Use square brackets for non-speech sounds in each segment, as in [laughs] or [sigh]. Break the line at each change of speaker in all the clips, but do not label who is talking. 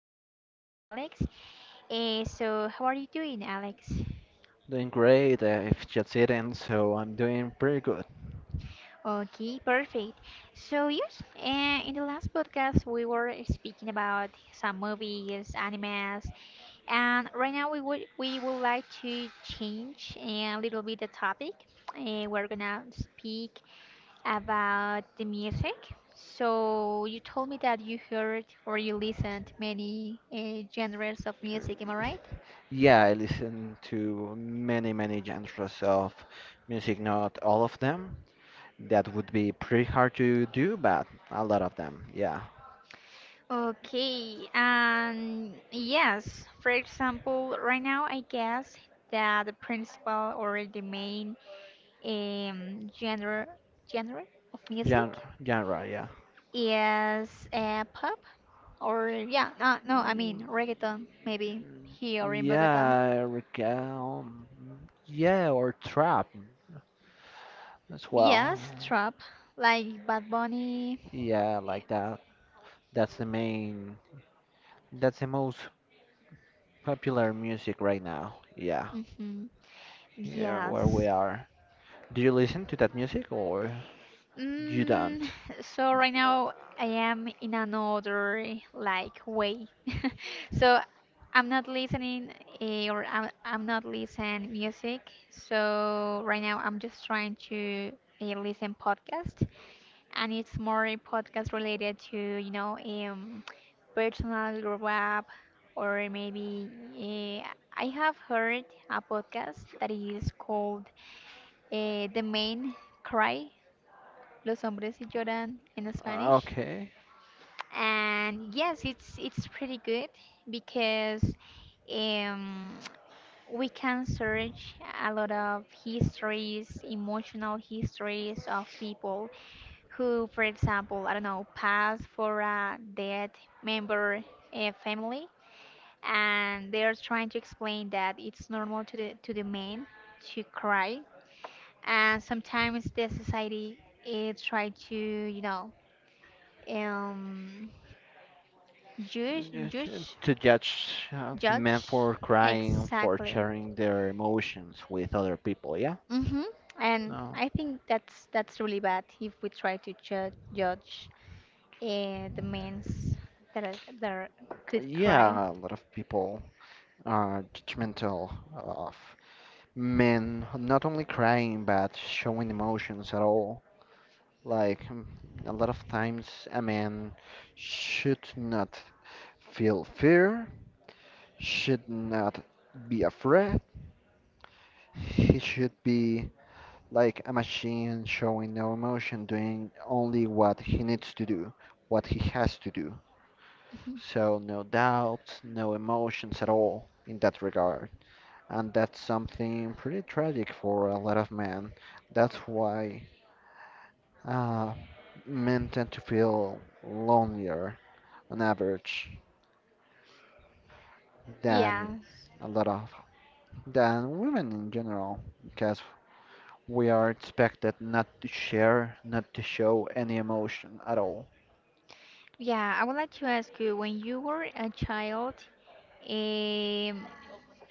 we are with Alex. So how are you doing, Alex?
Doing great. I've just eaten, so I'm doing pretty good.
Okay, perfect. So yes, in the last podcast we were speaking about some movies, animes, and right now we would like to change a little bit the topic. We're gonna speak about the music. So you told me that you heard or you listened many genres of music, am I right?
[laughs] Yeah, I listen to many, many genres of music, not all of them. That would be pretty hard to do, but a lot of them, yeah.
Okay, and yes, for example, right now I guess that the principal or the main um, genre genre of
Genre,
music
genre, yeah.
is pop or yeah, no, no, I mean
Mm,
reggaeton maybe here in Bogota.
yeah, I recall. Yeah, or trap as well.
Yes, trap like Bad Bunny.
Yeah, like that. That's the main. That's the most popular music right now. Yeah,
Mm-hmm.
here where we
Yes.
are. Do you listen to that music or you
Mm,
don't?
so right now I am in another like way. [laughs] So I'm not listening or I'm not listening music. So right now I'm just trying to listen podcast, and it's more a podcast related to, personal grow up, or maybe eh, I have heard a podcast that is called the main cry, Los Hombres Lloran in Spanish.
Okay.
And yes, it's pretty good because um, we can search a lot of histories, emotional histories of people who, for example, I don't know, passed for a dead member family, and they're trying to explain that it's normal to the man to cry, and sometimes the society is try to um judge
Yeah, To
judge
to judge men
judge
for crying, for
exactly.
sharing their emotions with other people, yeah?
Mm-hmm. And
No.
I think that's really bad if we try to judge the men's that are, could cry.
Yeah, a lot of people are judgmental of men not only crying but showing emotions at all. Like mm, a lot of times, a man should not feel fear, should not be afraid. He should be like a machine showing no emotion, doing only what he needs to do, what he has to do.
[laughs]
So, no doubts, no emotions at all in that regard. And that's something pretty tragic for a lot of men. That's why uh, men tend to feel lonelier on average
Yeah,
than a lot of than women in general because we are expected not to share, not to show any emotion at all.
yeah, I would like to ask you, when you were a child, Um,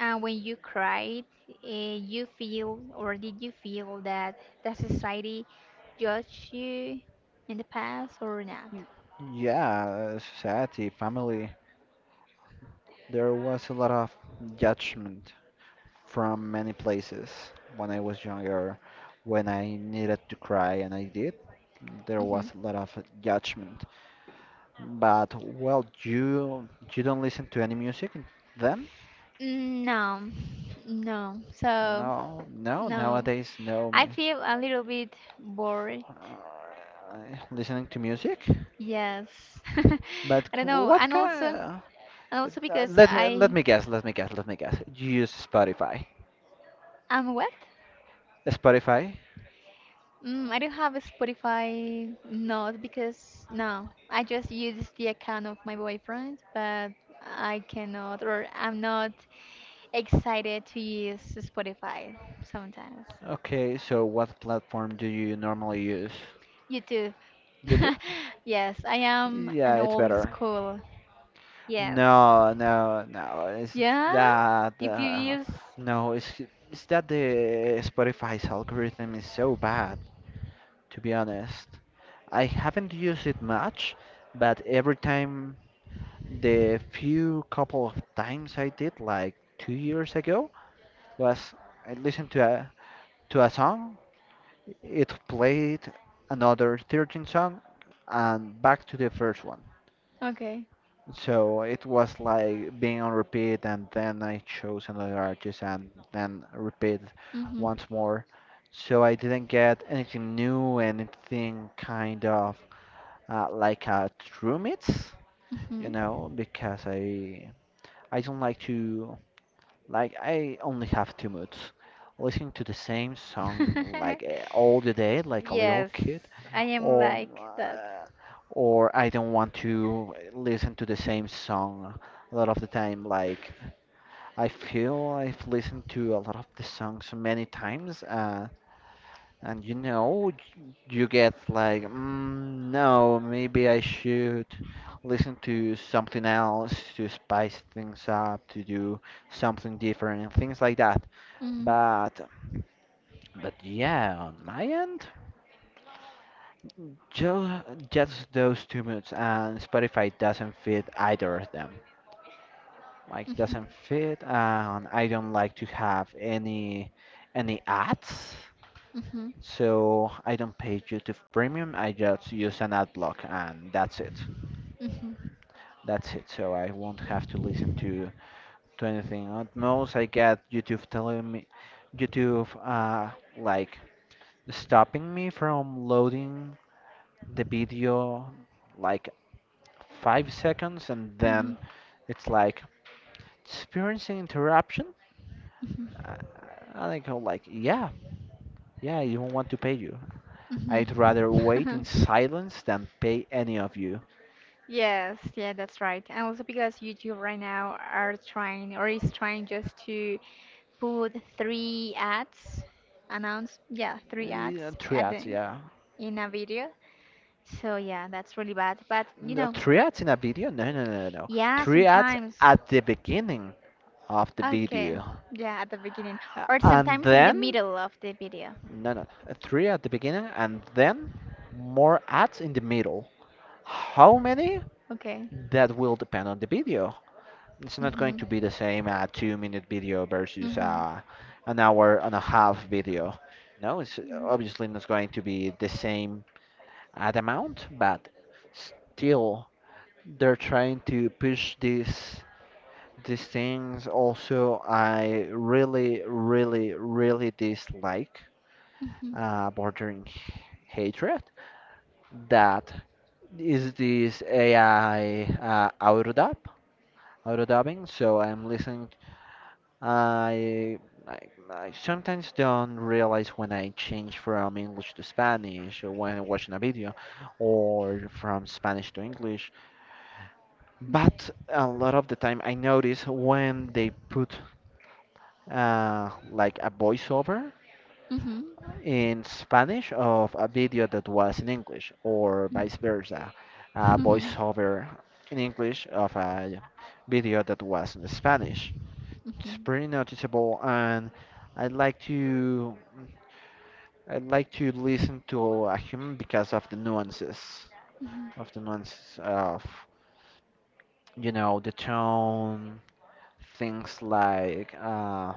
and when you cried, you feel, or did you feel that the society judged you in the past or not?
Yeah, society, family, there was a lot of judgment from many places when I was younger. When I needed to cry, and I did, there
Mm-hmm.
was a lot of judgment. But well, you don't listen to any music then?
Mm, no, no. So,
No, no,
no.
nowadays no.
I feel a little bit bored.
Uh, listening to music?
Yes. [laughs]
But
I don't
qu-
know.
what
And
kind?
also because
Let me let
I
me guess. Let me guess. Let me guess. You use Spotify.
am what?
Spotify.
Mm, I don't have a Spotify, not because no, I just use the account of my boyfriend, but I cannot or I'm not excited to use Spotify sometimes.
Okay. So what platform do you normally use?
YouTube. [laughs]
YouTube.
Yes, I am
Yeah,
an
it's
old
better.
school. Yes.
No, no, no. It's
Yeah?
that.
If you use.
No, it's that the Spotify's algorithm is so bad. To be honest, I haven't used it much, but every time. The few couple of times I did, like 2 years ago, was I listened to a song, it played another 13 song, and back to the first one.
Okay.
So it was like being on repeat, and then I chose another artist, and then repeat
Mm-hmm.
once more. So I didn't get anything new, anything kind of like a true mix, you
Mm-hmm.
know, because I don't like to. Like I only have two moods. Listening to the same song like all the day
[laughs]
like a little
Yes,
kid
I am
or
like that.
or I don't want to listen to the same song a lot of the time like I feel I've listened to a lot of the songs many times and you know, y- you get like, mm, no, maybe I should listen to something else to spice things up, to do something different, and things like that.
Mm-hmm.
But, yeah, on my end, just those two moods, and Spotify doesn't fit either of them. Like,
Mm-hmm.
doesn't fit, and I don't like to have any ads.
Mm-hmm.
So I don't pay YouTube Premium. I just use an ad block, and that's it.
Mm-hmm.
That's it. So I won't have to listen to anything. At most, I get YouTube telling me, YouTube like stopping me from loading the video like 5 seconds, and then
Mhm.
it's like experiencing interruption.
Mhm.
I, I like go like, yeah, yeah, I don't want to pay you. I'd
Mhm.
rather wait in
[laughs]
silence than pay any of you.
Yes, yeah, that's right. And also because YouTube right now are trying or is trying just to put three ads, announce, yeah, three ads
Yeah,
at
triads,
the
yeah.
in a video. So yeah, that's really bad. But you
No,
know,
triads in a video? No, no, no, no.
yeah,
Triads
sometimes.
at the beginning of the
Okay,
video.
yeah, at the beginning or
And
sometimes in the
then,
middle of the video.
no, no. Three at the beginning and then more ads in the middle. How many?
Okay.
That will depend on the video. It's not going
Mhm.
to be the same two-minute video versus
Mhm.
an hour and a half video. No, it's obviously not going to be the same ad amount, but still they're trying to push these things. Also, I really, really, really dislike
Mhm.
bordering hatred that is this AI auto dub, auto dubbing. So I'm listening. I, I I sometimes don't realize when I change from English to Spanish or when I'm watching a video or from Spanish to English.
Mhm.
But a lot of the time, I notice when they put like a voiceover
Mhm.
in Spanish of a video that was in English, or vice versa, a
Mhm. Mhm.
voiceover in English of a video that was in Spanish. It's
Mhm.
pretty noticeable, and I would like to I would like to listen to a human because of the nuances, of the nuances of you know the tone, things like.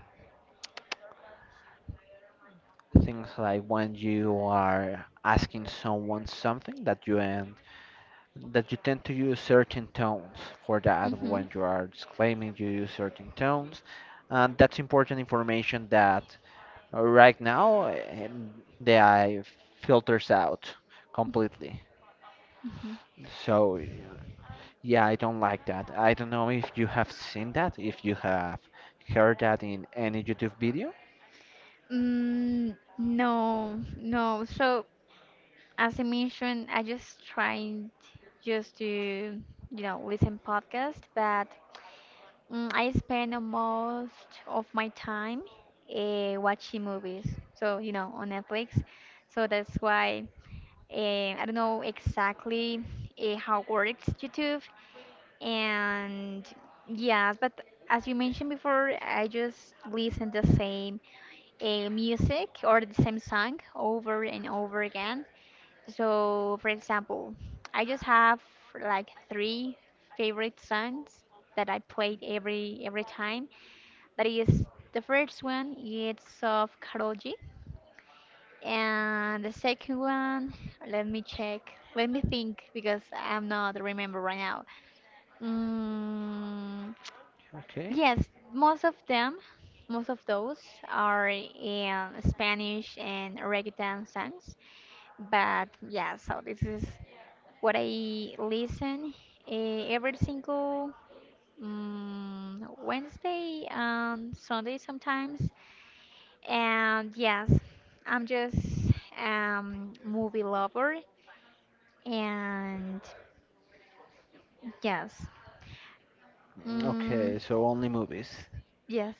Things like when you are asking someone something that you end that you tend to use certain tones for that,
Mhm.
when you are disclaiming you use certain tones, and that's important information that right now the AI filters out completely.
Mhm.
So yeah, I don't like that. I don't know if you have seen that, if you have heard that in any YouTube video.
Mm, no, no. So as I mentioned, I just tried just to, you know, listen podcast, but mm, I spend the most of my time watching movies. So, you know, on Netflix. So that's why I don't know exactly how works YouTube, and yes, but as you mentioned before, I just listen the same music or the same song over and over again. So, for example, I just have like three favorite songs that I played every time. That is the first one. It's of Karol G. And the second one, let me check. Let me think because I'm not remember right now. Mm,
Okay.
yes, most of them, most of those are in Spanish and reggaeton songs. But yeah, so this is what I listen every single mm, Wednesday and Sunday sometimes. And yes, I'm just movie lover. And yes. Mm,
Okay, so only movies.
yes.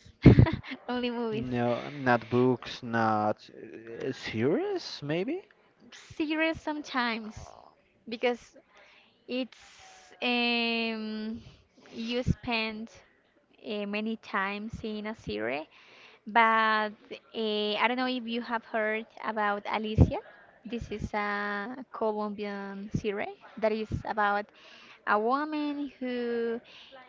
[laughs] Only movies.
No, not books, not series, maybe?
Series sometimes because it's um you spend many times in a series. But I don't know if you have heard about Alicia. This is a Colombian series that is about a woman who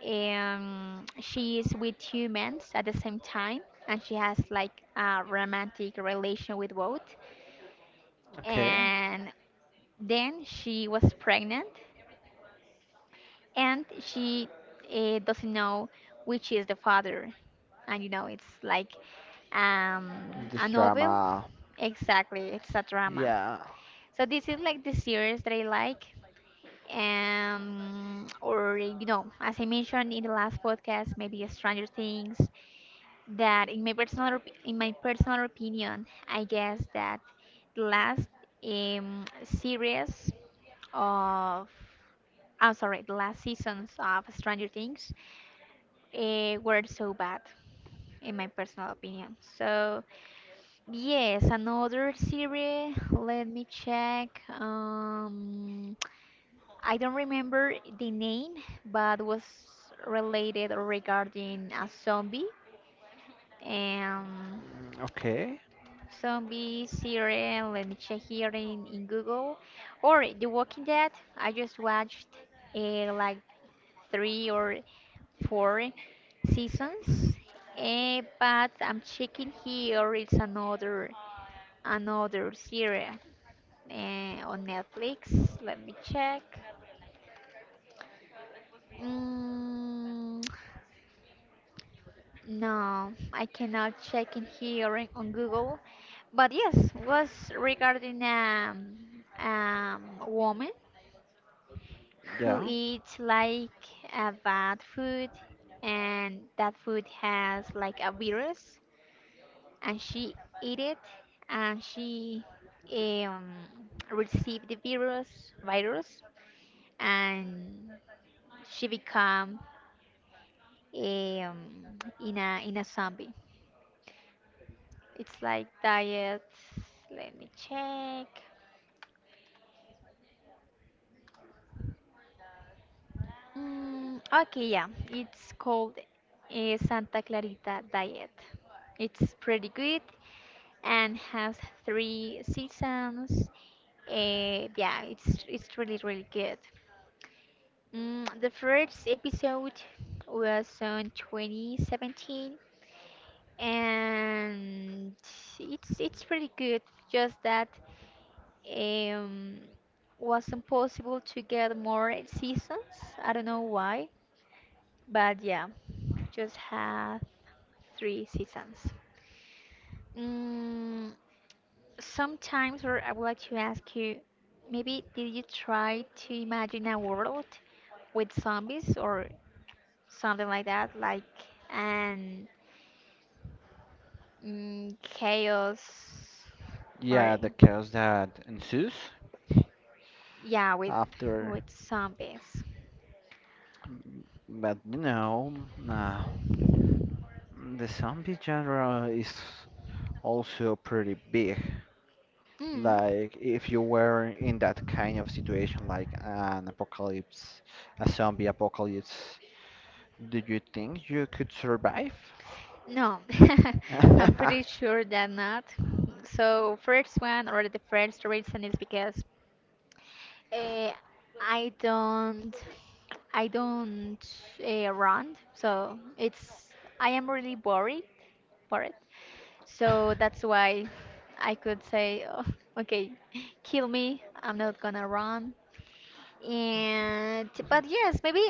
she is with humans at the same time, and she has like a romantic relation with both.
Okay.
And then she was pregnant, and she doesn't know which is the father, and you know it's like um,
This
a novel,
drama.
exactly, it's a drama.
Yeah.
So this is like the series that I like, or you know, as I mentioned in the last podcast, maybe Stranger Things, that in my personal in my personal opinion I guess that the last series of, I'm sorry, the last seasons of Stranger Things were so bad, in my personal opinion. So, yes, another series. Let me check. I don't remember the name, but was related or regarding a zombie. Um,
Mm, okay.
zombie series. Let me check here in Google. Or The Walking Dead. I just watched like three or four seasons, but I'm checking here. It's another series on Netflix. Let me check. Mm, [tsk] no, I cannot check in here on Google. But yes, was regarding a woman who
Yeah.
eats like a bad food, and that food has like a virus, and she ate it, and she um, received the virus, and she become um, in a zombie. It's like diet. Let me check. Mm, okay, yeah, it's called a Santa Clarita Diet. It's pretty good and has three seasons. Yeah, it's really really good. Mm, the first episode was on 2017, and it's pretty good. Just that um wasn't possible to get more seasons. I don't know why, but yeah, just have three seasons. Mm, sometimes, or I would like to ask you, maybe did you try to imagine a world with zombies or something like that, like an mm, chaos or
Yeah, the chaos that ensues
yeah
after.
with zombies.
But you know, uh, the zombie genre is also pretty big.
Mm.
Like, if you were in that kind of situation, like an apocalypse, a zombie apocalypse, do you think you could survive?
No. [laughs] I'm
[laughs]
pretty sure that not. So first one or the first reason is because uh, i don't I don't run, so it's I am really bored. So that's why I could say, "Oh, okay, kill me. I'm not gonna run." And but yes, maybe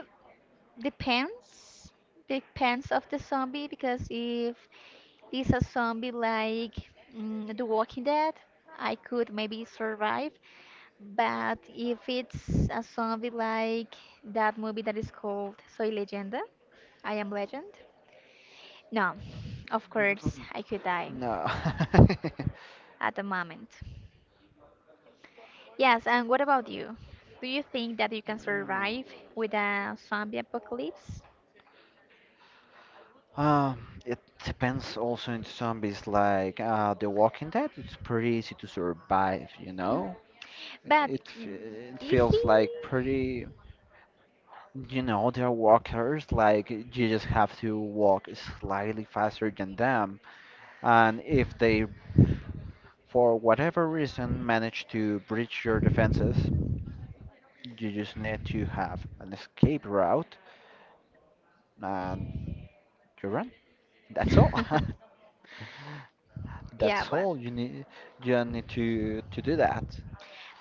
depends depends of the zombie, because if it's a zombie like mm, The Walking Dead, I could maybe survive. But if it's a zombie like that movie that is called Soy Leyenda, I Am Legend, no, of course I could die
No. [laughs]
at the moment. Yes, and what about you? Do you think that you can survive with a zombie apocalypse?
Um, it depends also in zombies. Like The Walking Dead, it's pretty easy to survive, you
Mm.
know?
But
It
mm,
it
easy?
feels like pretty. You know, they're walkers, like you just have to walk slightly faster than them. And if they, for whatever reason, manage to breach your defenses, you just need to have an escape route and you run. That's all. [laughs]
[laughs] Yeah,
That's all you need. You need to do that.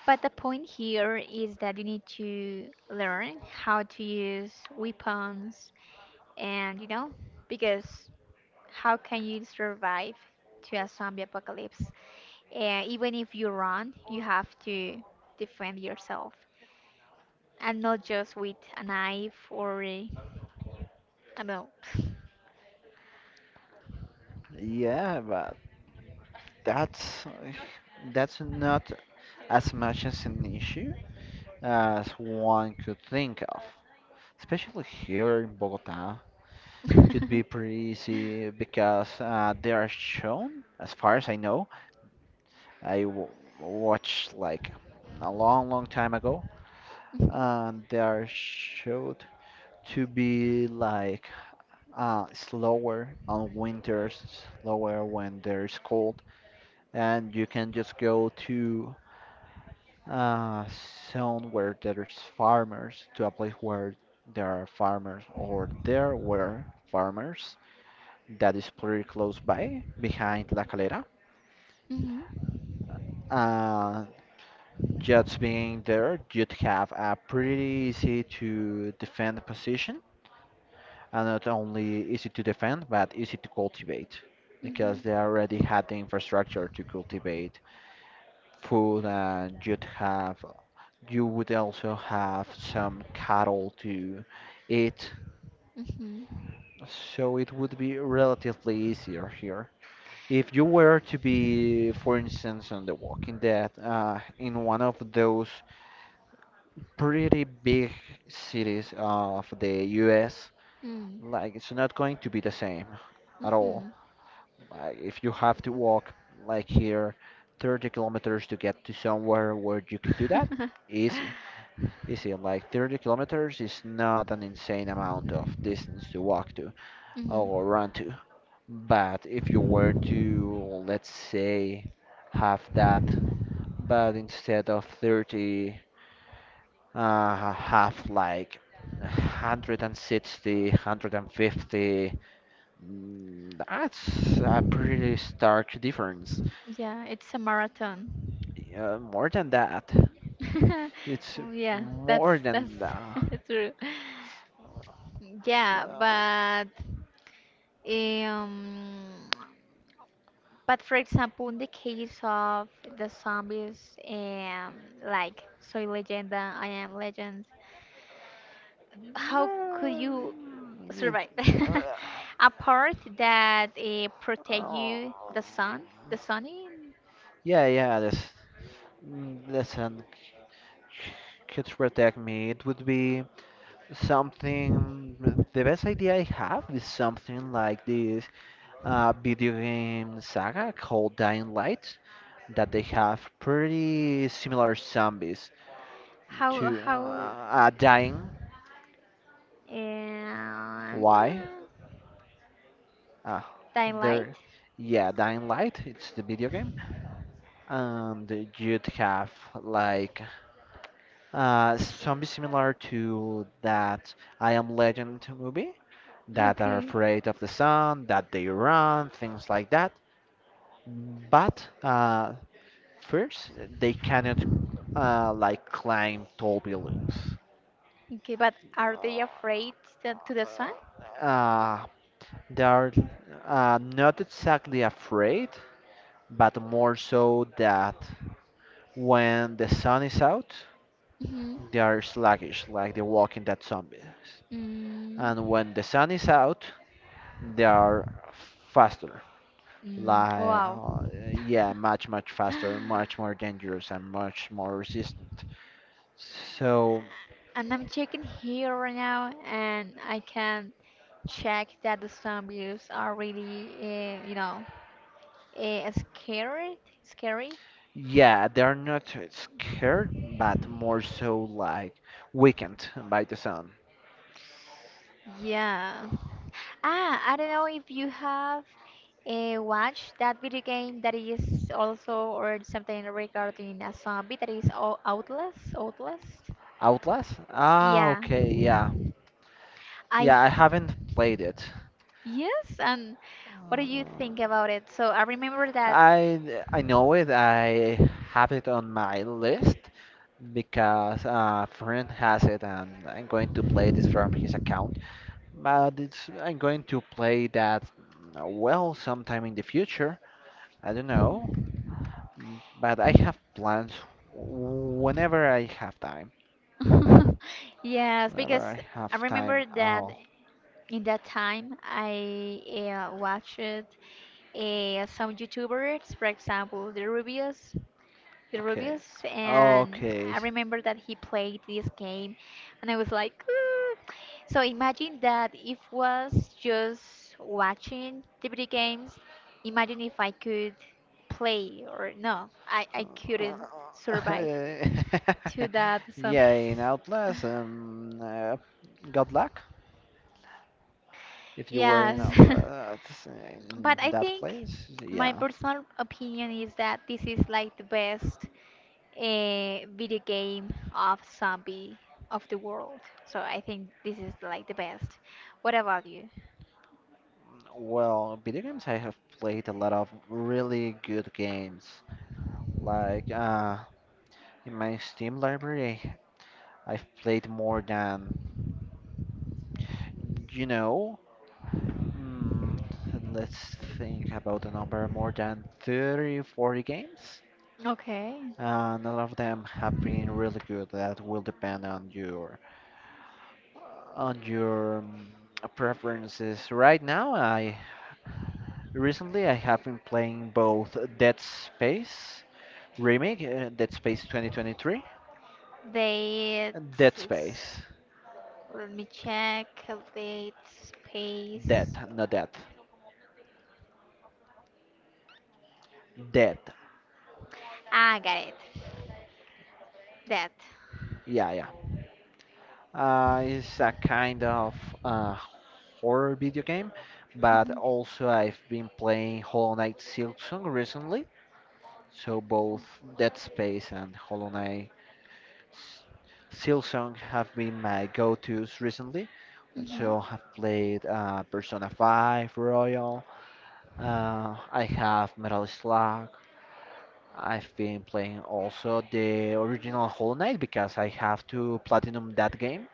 but the point here is that you need to learn how to use weapons, and you know because how can you survive to a zombie apocalypse? And even if you run, you have to defend yourself and not just with a knife or About.
Yeah, but that's that's not as much as an issue as one could think of, especially here in Bogota. Could be
[laughs]
pretty easy because they are shown, as far as I know. I w- watched like a long, long time ago, and they are showed to be like slower on winters, slower when there's cold, and you can just go to a zone where there's farmers, to a place where there are farmers, or there were farmers that is pretty close by, behind La Calera.
Mhm.
Uh, just being there, you'd have a pretty easy to defend position, and not only easy to defend, but easy to cultivate, because
Mhm.
they already had the infrastructure to cultivate food, and you would also have some cattle to eat,
Mhm.
so it would be relatively easier here. If you were to be, for instance, on The Walking Dead, in one of those pretty big cities of the US,
Mhm.
like it's not going to be the same
Mm.
at all.
Mhm.
Like if you have to walk like here 30 kilometers to get to somewhere where you could do that,
[laughs]
easy, easy. Like 30 kilometers is not an insane amount of distance to walk to
Mhm.
or run to. But if you were to, let's say, have that but instead of 30, have like 160. Mm, that's a pretty stark difference.
Yeah, it's a marathon.
Uh, more than that,
[laughs]
it's
Oh, yeah,
more
that's
than that.
[laughs] true. Yeah,
Uh,
um, but for example, in the case of the zombies and like Soy Leyenda, I Am Legend, how could
no,
you
it,
survive. [laughs] A part that protect
uh,
you the sun, the sunny,
yeah, yeah, this mm, listen, c- could protect me. It would be. Something, the best idea I have is something like this video game saga called Dying Light that they have pretty similar zombies
how
to
how
Dying.
uh,
Why? Ah,
daylight.
they're yeah, Dying Light. It's the video game, and you'd have like zombies similar to that I Am Legend movie that are
Okay,
afraid of the sun, that they run, things like that. But first, they cannot like climb tall buildings.
okay, but are they afraid to the sun?
Uh, they are not exactly afraid, but more so that when the sun is out,
Hmm.
they are sluggish, like the walking dead zombies.
Mm,
And when the sun is out, they are faster.
mm,
Like,
wow. [laughs]
yeah, much, much faster, much more dangerous, and much more resistant. So.
And I'm checking here right now, and I can check that the zombies are really, you know, scary. Scary.
Yeah, they're not scared, but more so like weakened by the sun.
Yeah. Ah, I don't know if you have watched that video game that is also or something regarding a zombie that is Outlast. Outlast.
Outlast? Ah,
Yeah,
okay, yeah.
I.
Yeah, I haven't played it.
Yes, and what do you think
Uh,
about it? So I remember that.
I know it. I have it on my list because a friend has it, and I'm going to play this from his account. But it's I'm going to play that mm, well sometime in the future. I don't know. Mm, but I have plans whenever I have time.
[laughs] Yes,
Whenever
because
I
I
have time,
remember that
I'll.
in that time I watched some YouTubers, for example, the Rubius. The
Okay.
Rubius, and
Okay.
I
s-
remember that he played this game, and I was like, "Mm." So imagine that if was just watching the video games, imagine if I could play or no, I couldn't
[laughs]
survive to that
Yeah,
zombies.
in
[laughs]
Outlast, good luck if you were
Yes.
in
[laughs]
Outlast in
But I
that
think
place.
my
Yeah.
personal opinion is that this is like the best a video game of zombie of the world. So I think this is like the best. What about you?
Well, video games, I have played a lot of really good games. Like, in my Steam library, I've played more than. You know, mm, let's think about the number more than 30, 40 games.
Okay.
And none of them have been really good. That will depend on your mm, preferences. Right now, I recently I have been playing both Dead Space Remake, Dead Space 2023,
They
and Dead
it's,
Space,
let me check calculate
Dead,
space.
not Dead, Dead.
Ah, got it. That.
Yeah, yeah. It's a kind of uh, horror video game, but
Mhm.
also I've been playing Hollow Knight Silksong recently. So both Dead Space and Hollow Knight S- Silksong have been my go-tos recently. And
Mhm.
so I've played Persona 5 Royal. I have Metal Slug. I've been playing also the original Hollow Knight because I have to platinum that game.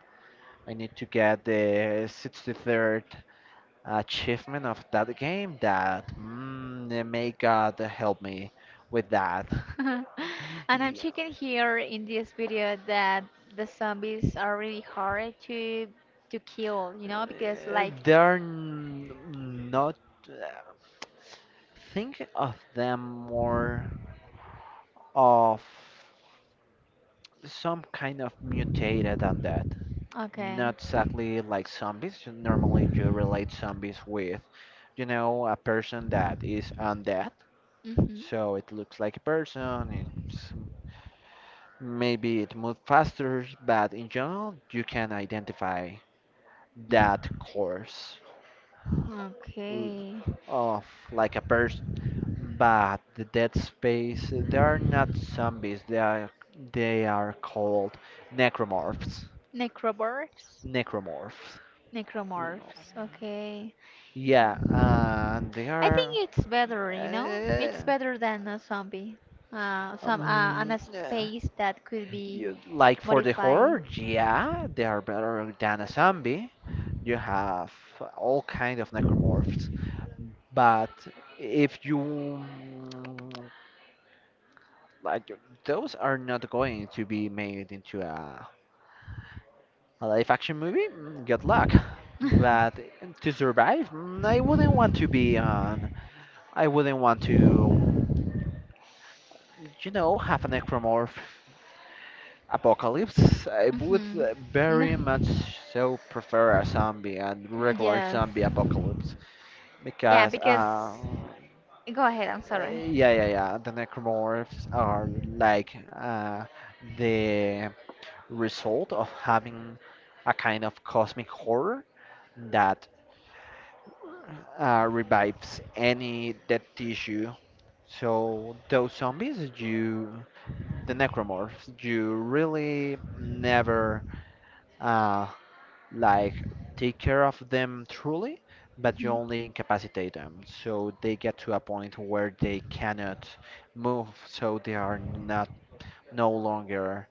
I need to get the 63rd achievement of that game that may God help me with that.
[laughs] And I'm
Yeah.
checking here in this video that the zombies are really hard to kill, you know, because
Uh,
like
There are n- not. Uh, Think of them more of some kind of mutated than that.
Okay.
Not exactly like zombies. Normally, you relate zombies with, you know, a person that is undead.
Mhm.
So it looks like a person, it's maybe it moved faster, but in general, you can identify
Mm.
that course l-
Okay.
of like a person. But the dead space, they are not zombies. They are called necromorphs.
Necromorphs?
Necromorphs. Mm,
Necromorphs. Okay.
Yeah, and they
I think
are.
it's better, you know? It's
Uh,
better than a zombie. Some on a
yeah.
space that could be
You, like for the
modified.
horror, yeah, they are better than a zombie. You have all kind of necromorphs, but if you like those are not going to be made into a live action movie, good luck, but
[laughs]
to survive, I wouldn't want to i wouldn't want to you know have a necromorph apocalypse. I would
Mhm.
very much
[laughs]
so prefer a zombie and regular
Yes.
zombie apocalypse
Yeah,
because
because go ahead, I'm sorry.
Yeah, yeah, yeah. The necromorphs are like the result of having a kind of cosmic horror that revives any dead tissue. So those zombies, you, the necromorphs, you really never uh, like take care of them truly, but you
Hmm.
only incapacitate them. So they get to a point where they cannot move, so they are not no longer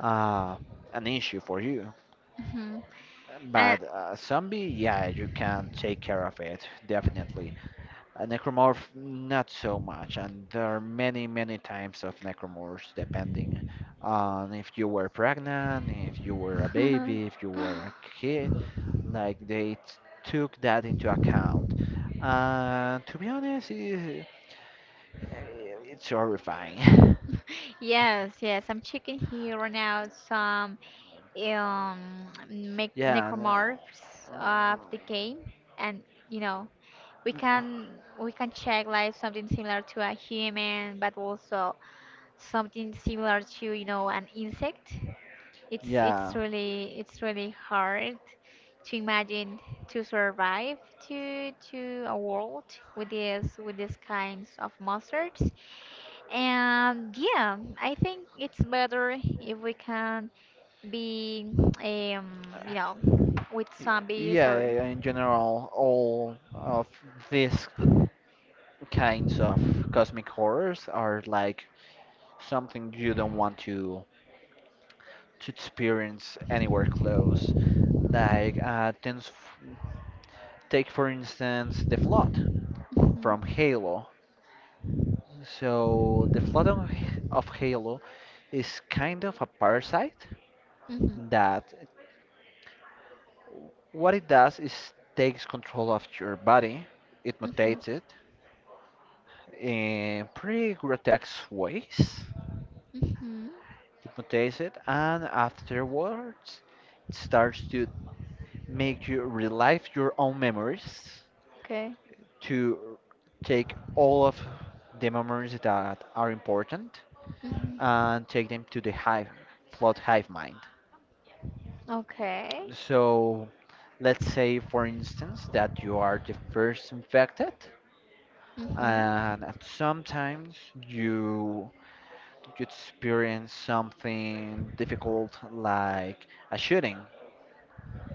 uh, an issue for you.
Hmm. And I-
But zombie, yeah, you can take care of it, definitely. A necromorph, not so much, and there are many, many types of necromorphs depending on if you were pregnant, if you were a baby, if you were a kid. Like they took that into account. And to be honest, I it's horrifying.
[laughs] yes, yes, I'm checking here right now some make
[laughs] Yeah.
necromorphs of the game, and you know we
No.
can we can check like something similar to a human but also something similar to you know an insect. It's
Yeah.
really it's really hard to imagine to survive to a world with this with these kinds of monsters. And yeah, I think it's better if we can be you know with zombies
Yeah,
or
yeah, in general, all of these kinds of cosmic horrors are like something you don't want to experience anywhere close. Like, things, take for instance the flood from Halo. So the flood of Halo is kind of a parasite
Mhm. Mhm.
that what it does is takes control of your body. It
Mhm.
mutates it in pretty grotesque ways.
Mhm.
It mutates it, and afterwards, it starts to make you relive your own memories,
Okay.
to take all of the memories that are important
Mhm.
and take them to the hive, flood hive mind.
Okay.
So, let's say, for instance, that you are the first infected,
Mhm.
and at sometimes you you experience something difficult like a shooting,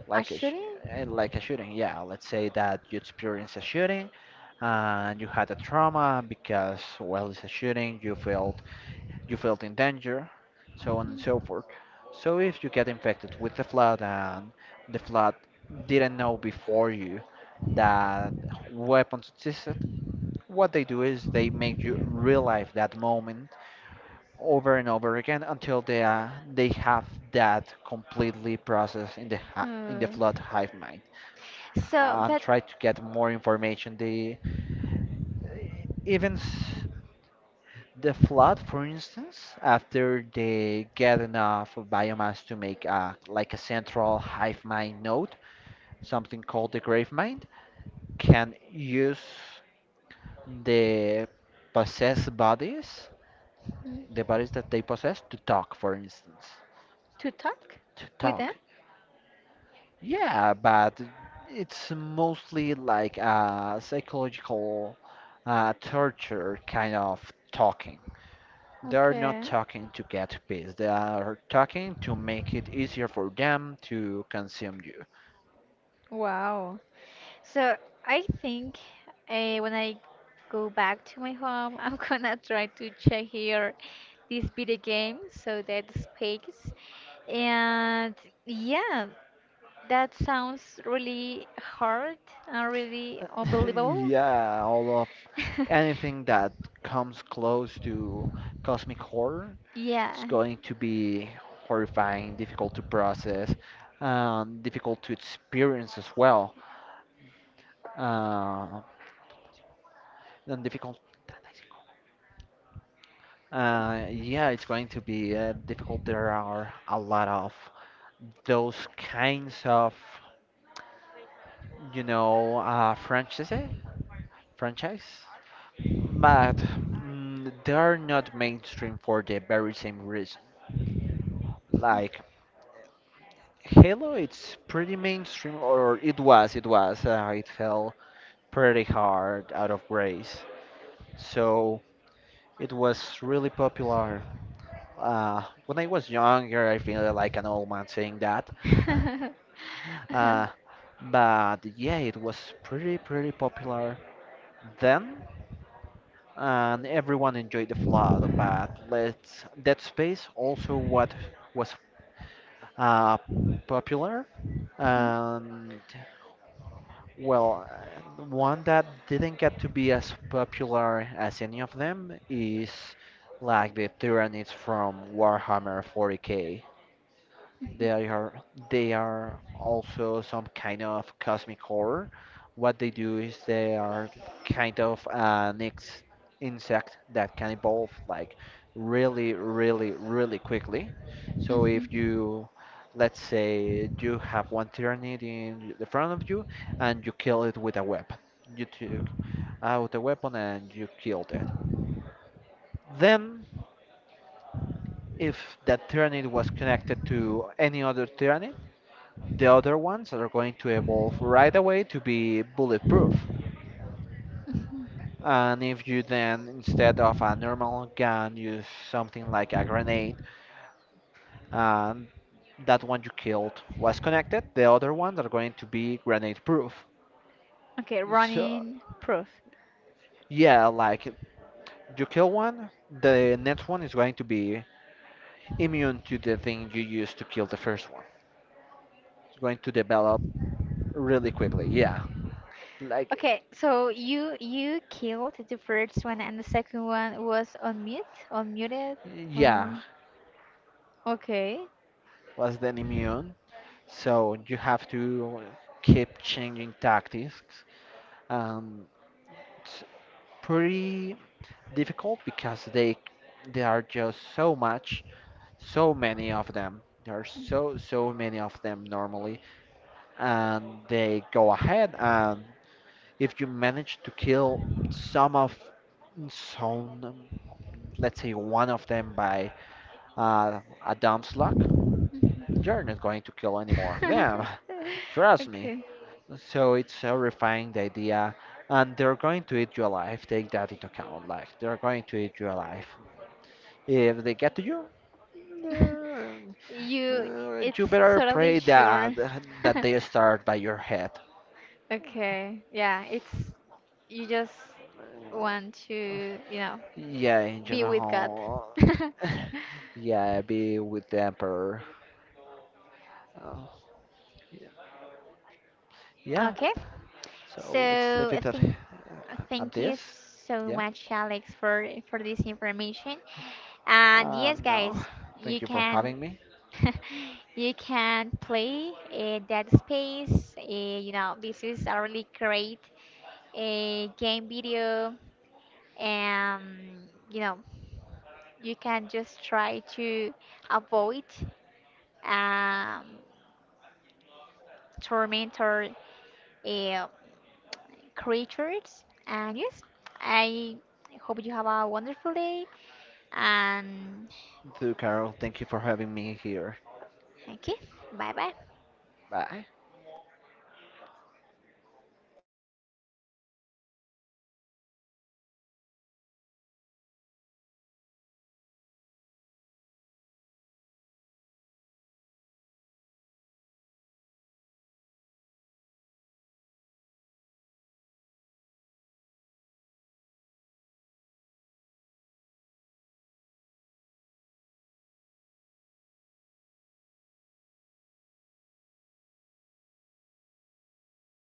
like a sh-
Actually,
like a shooting, yeah, let's say that you experience a shooting and you had a trauma because, well, it's a shooting, you felt in danger, so on and so
Mhm.
forth. So if you get infected with the flood, and the flood didn't know before you that weapons existed, what they do is they make you relive that moment over and over again until they have that completely processed in the ha in the flood
Hmm.
hive mind.
So, but
Try to get more information. They even s- the flood, for instance, after they get enough biomass to make a, like a central hive mind node, something called the grave mind, can use the possessed bodies,
Mhm.
the bodies that they possess to talk, for instance.
to talk
To
with them?
talk. Yeah, but it's mostly like a psychological torture kind of talking. They are not
Okay.
talking to get peace. They are talking to make it easier for them to consume you.
Wow. So I think when I go back to my home, I'm [laughs] gonna try to check here this video game so that space. And yeah, that sounds really hard and really
[laughs]
unbelievable.
Yeah, all of
[laughs]
anything that comes close to cosmic horror, it's
Yeah.
going to be horrifying, difficult to process, difficult to experience as well, uh, and difficult. Yeah, it's going to be difficult. There are a lot of those kinds of, you know, franchise, but they are not mainstream for the very same reason. Like Halo, it's pretty mainstream, or it was, it was. It fell pretty hard out of grace. So it was really popular. When I was younger, I feel like an old man saying that. [laughs]
[laughs]
Uh, but yeah, it was pretty, pretty popular then, and everyone enjoyed the flood. But let's, Dead Space also what was uh, popular, and well, one that didn't get to be as popular as any of them is like the Tyranids from Warhammer 40k. They are they are also some kind of cosmic horror. What they do is they are kind of an ex insect that can evolve like really, really, really quickly. So if you, let's say you have one tyrannid in the front of you and you kill it with a weapon. You took out a weapon and you killed it. Then if that tyrannid was connected to any other tyrannid, the other ones are going to evolve right away to be bulletproof. And if you then, instead of a normal gun, use something like a grenade, and that one you killed was connected, the other ones are going to be grenade proof.
Okay,
So,
running proof.
yeah, like you kill one, the next one is going to be immune to the thing you used to kill the first one. It's going to develop really quickly, yeah. Like,
Okay, so you killed the first one and the second one was on mute, unmuted.
yeah,
Um, okay.
was then immune, so you have to keep changing tactics. Um, it's pretty difficult because they there are just so much, so many of them. There are so many of them normally, and they go ahead and if you manage to kill some of some, let's say one of them by uh, a dumb luck, you're not going to kill any more of them.
[laughs]
[laughs] Trust me.
Okay.
So it's horrifying the idea, and they're going to eat you alive. Take that into account. Like they're going to eat you alive. If they get to you,
[laughs]
uh,
You,
you
it's
better
totally
pray
sure.
that
[laughs]
they start by your head.
Okay. Yeah, it's you just want to, you know,
Yeah, in
be with God.
general.
[laughs]
[laughs] yeah, be with the emperor. Uh, yeah. Yeah.
Okay.
So let's
So
leave
I
it
think
at
thank
this.
you so
Yeah.
much, Alex, for this information. And yes,
No.
guys,
Thank
you
you for
can
having me.
[laughs] you can play Dead Space. You know, this is a really great game video. Um, you know, you can just try to avoid um, tormentor uh, creatures. And yes, I hope you have a wonderful day. And
Too Carol, thank you for having me here.
okay, bye bye.
Bye.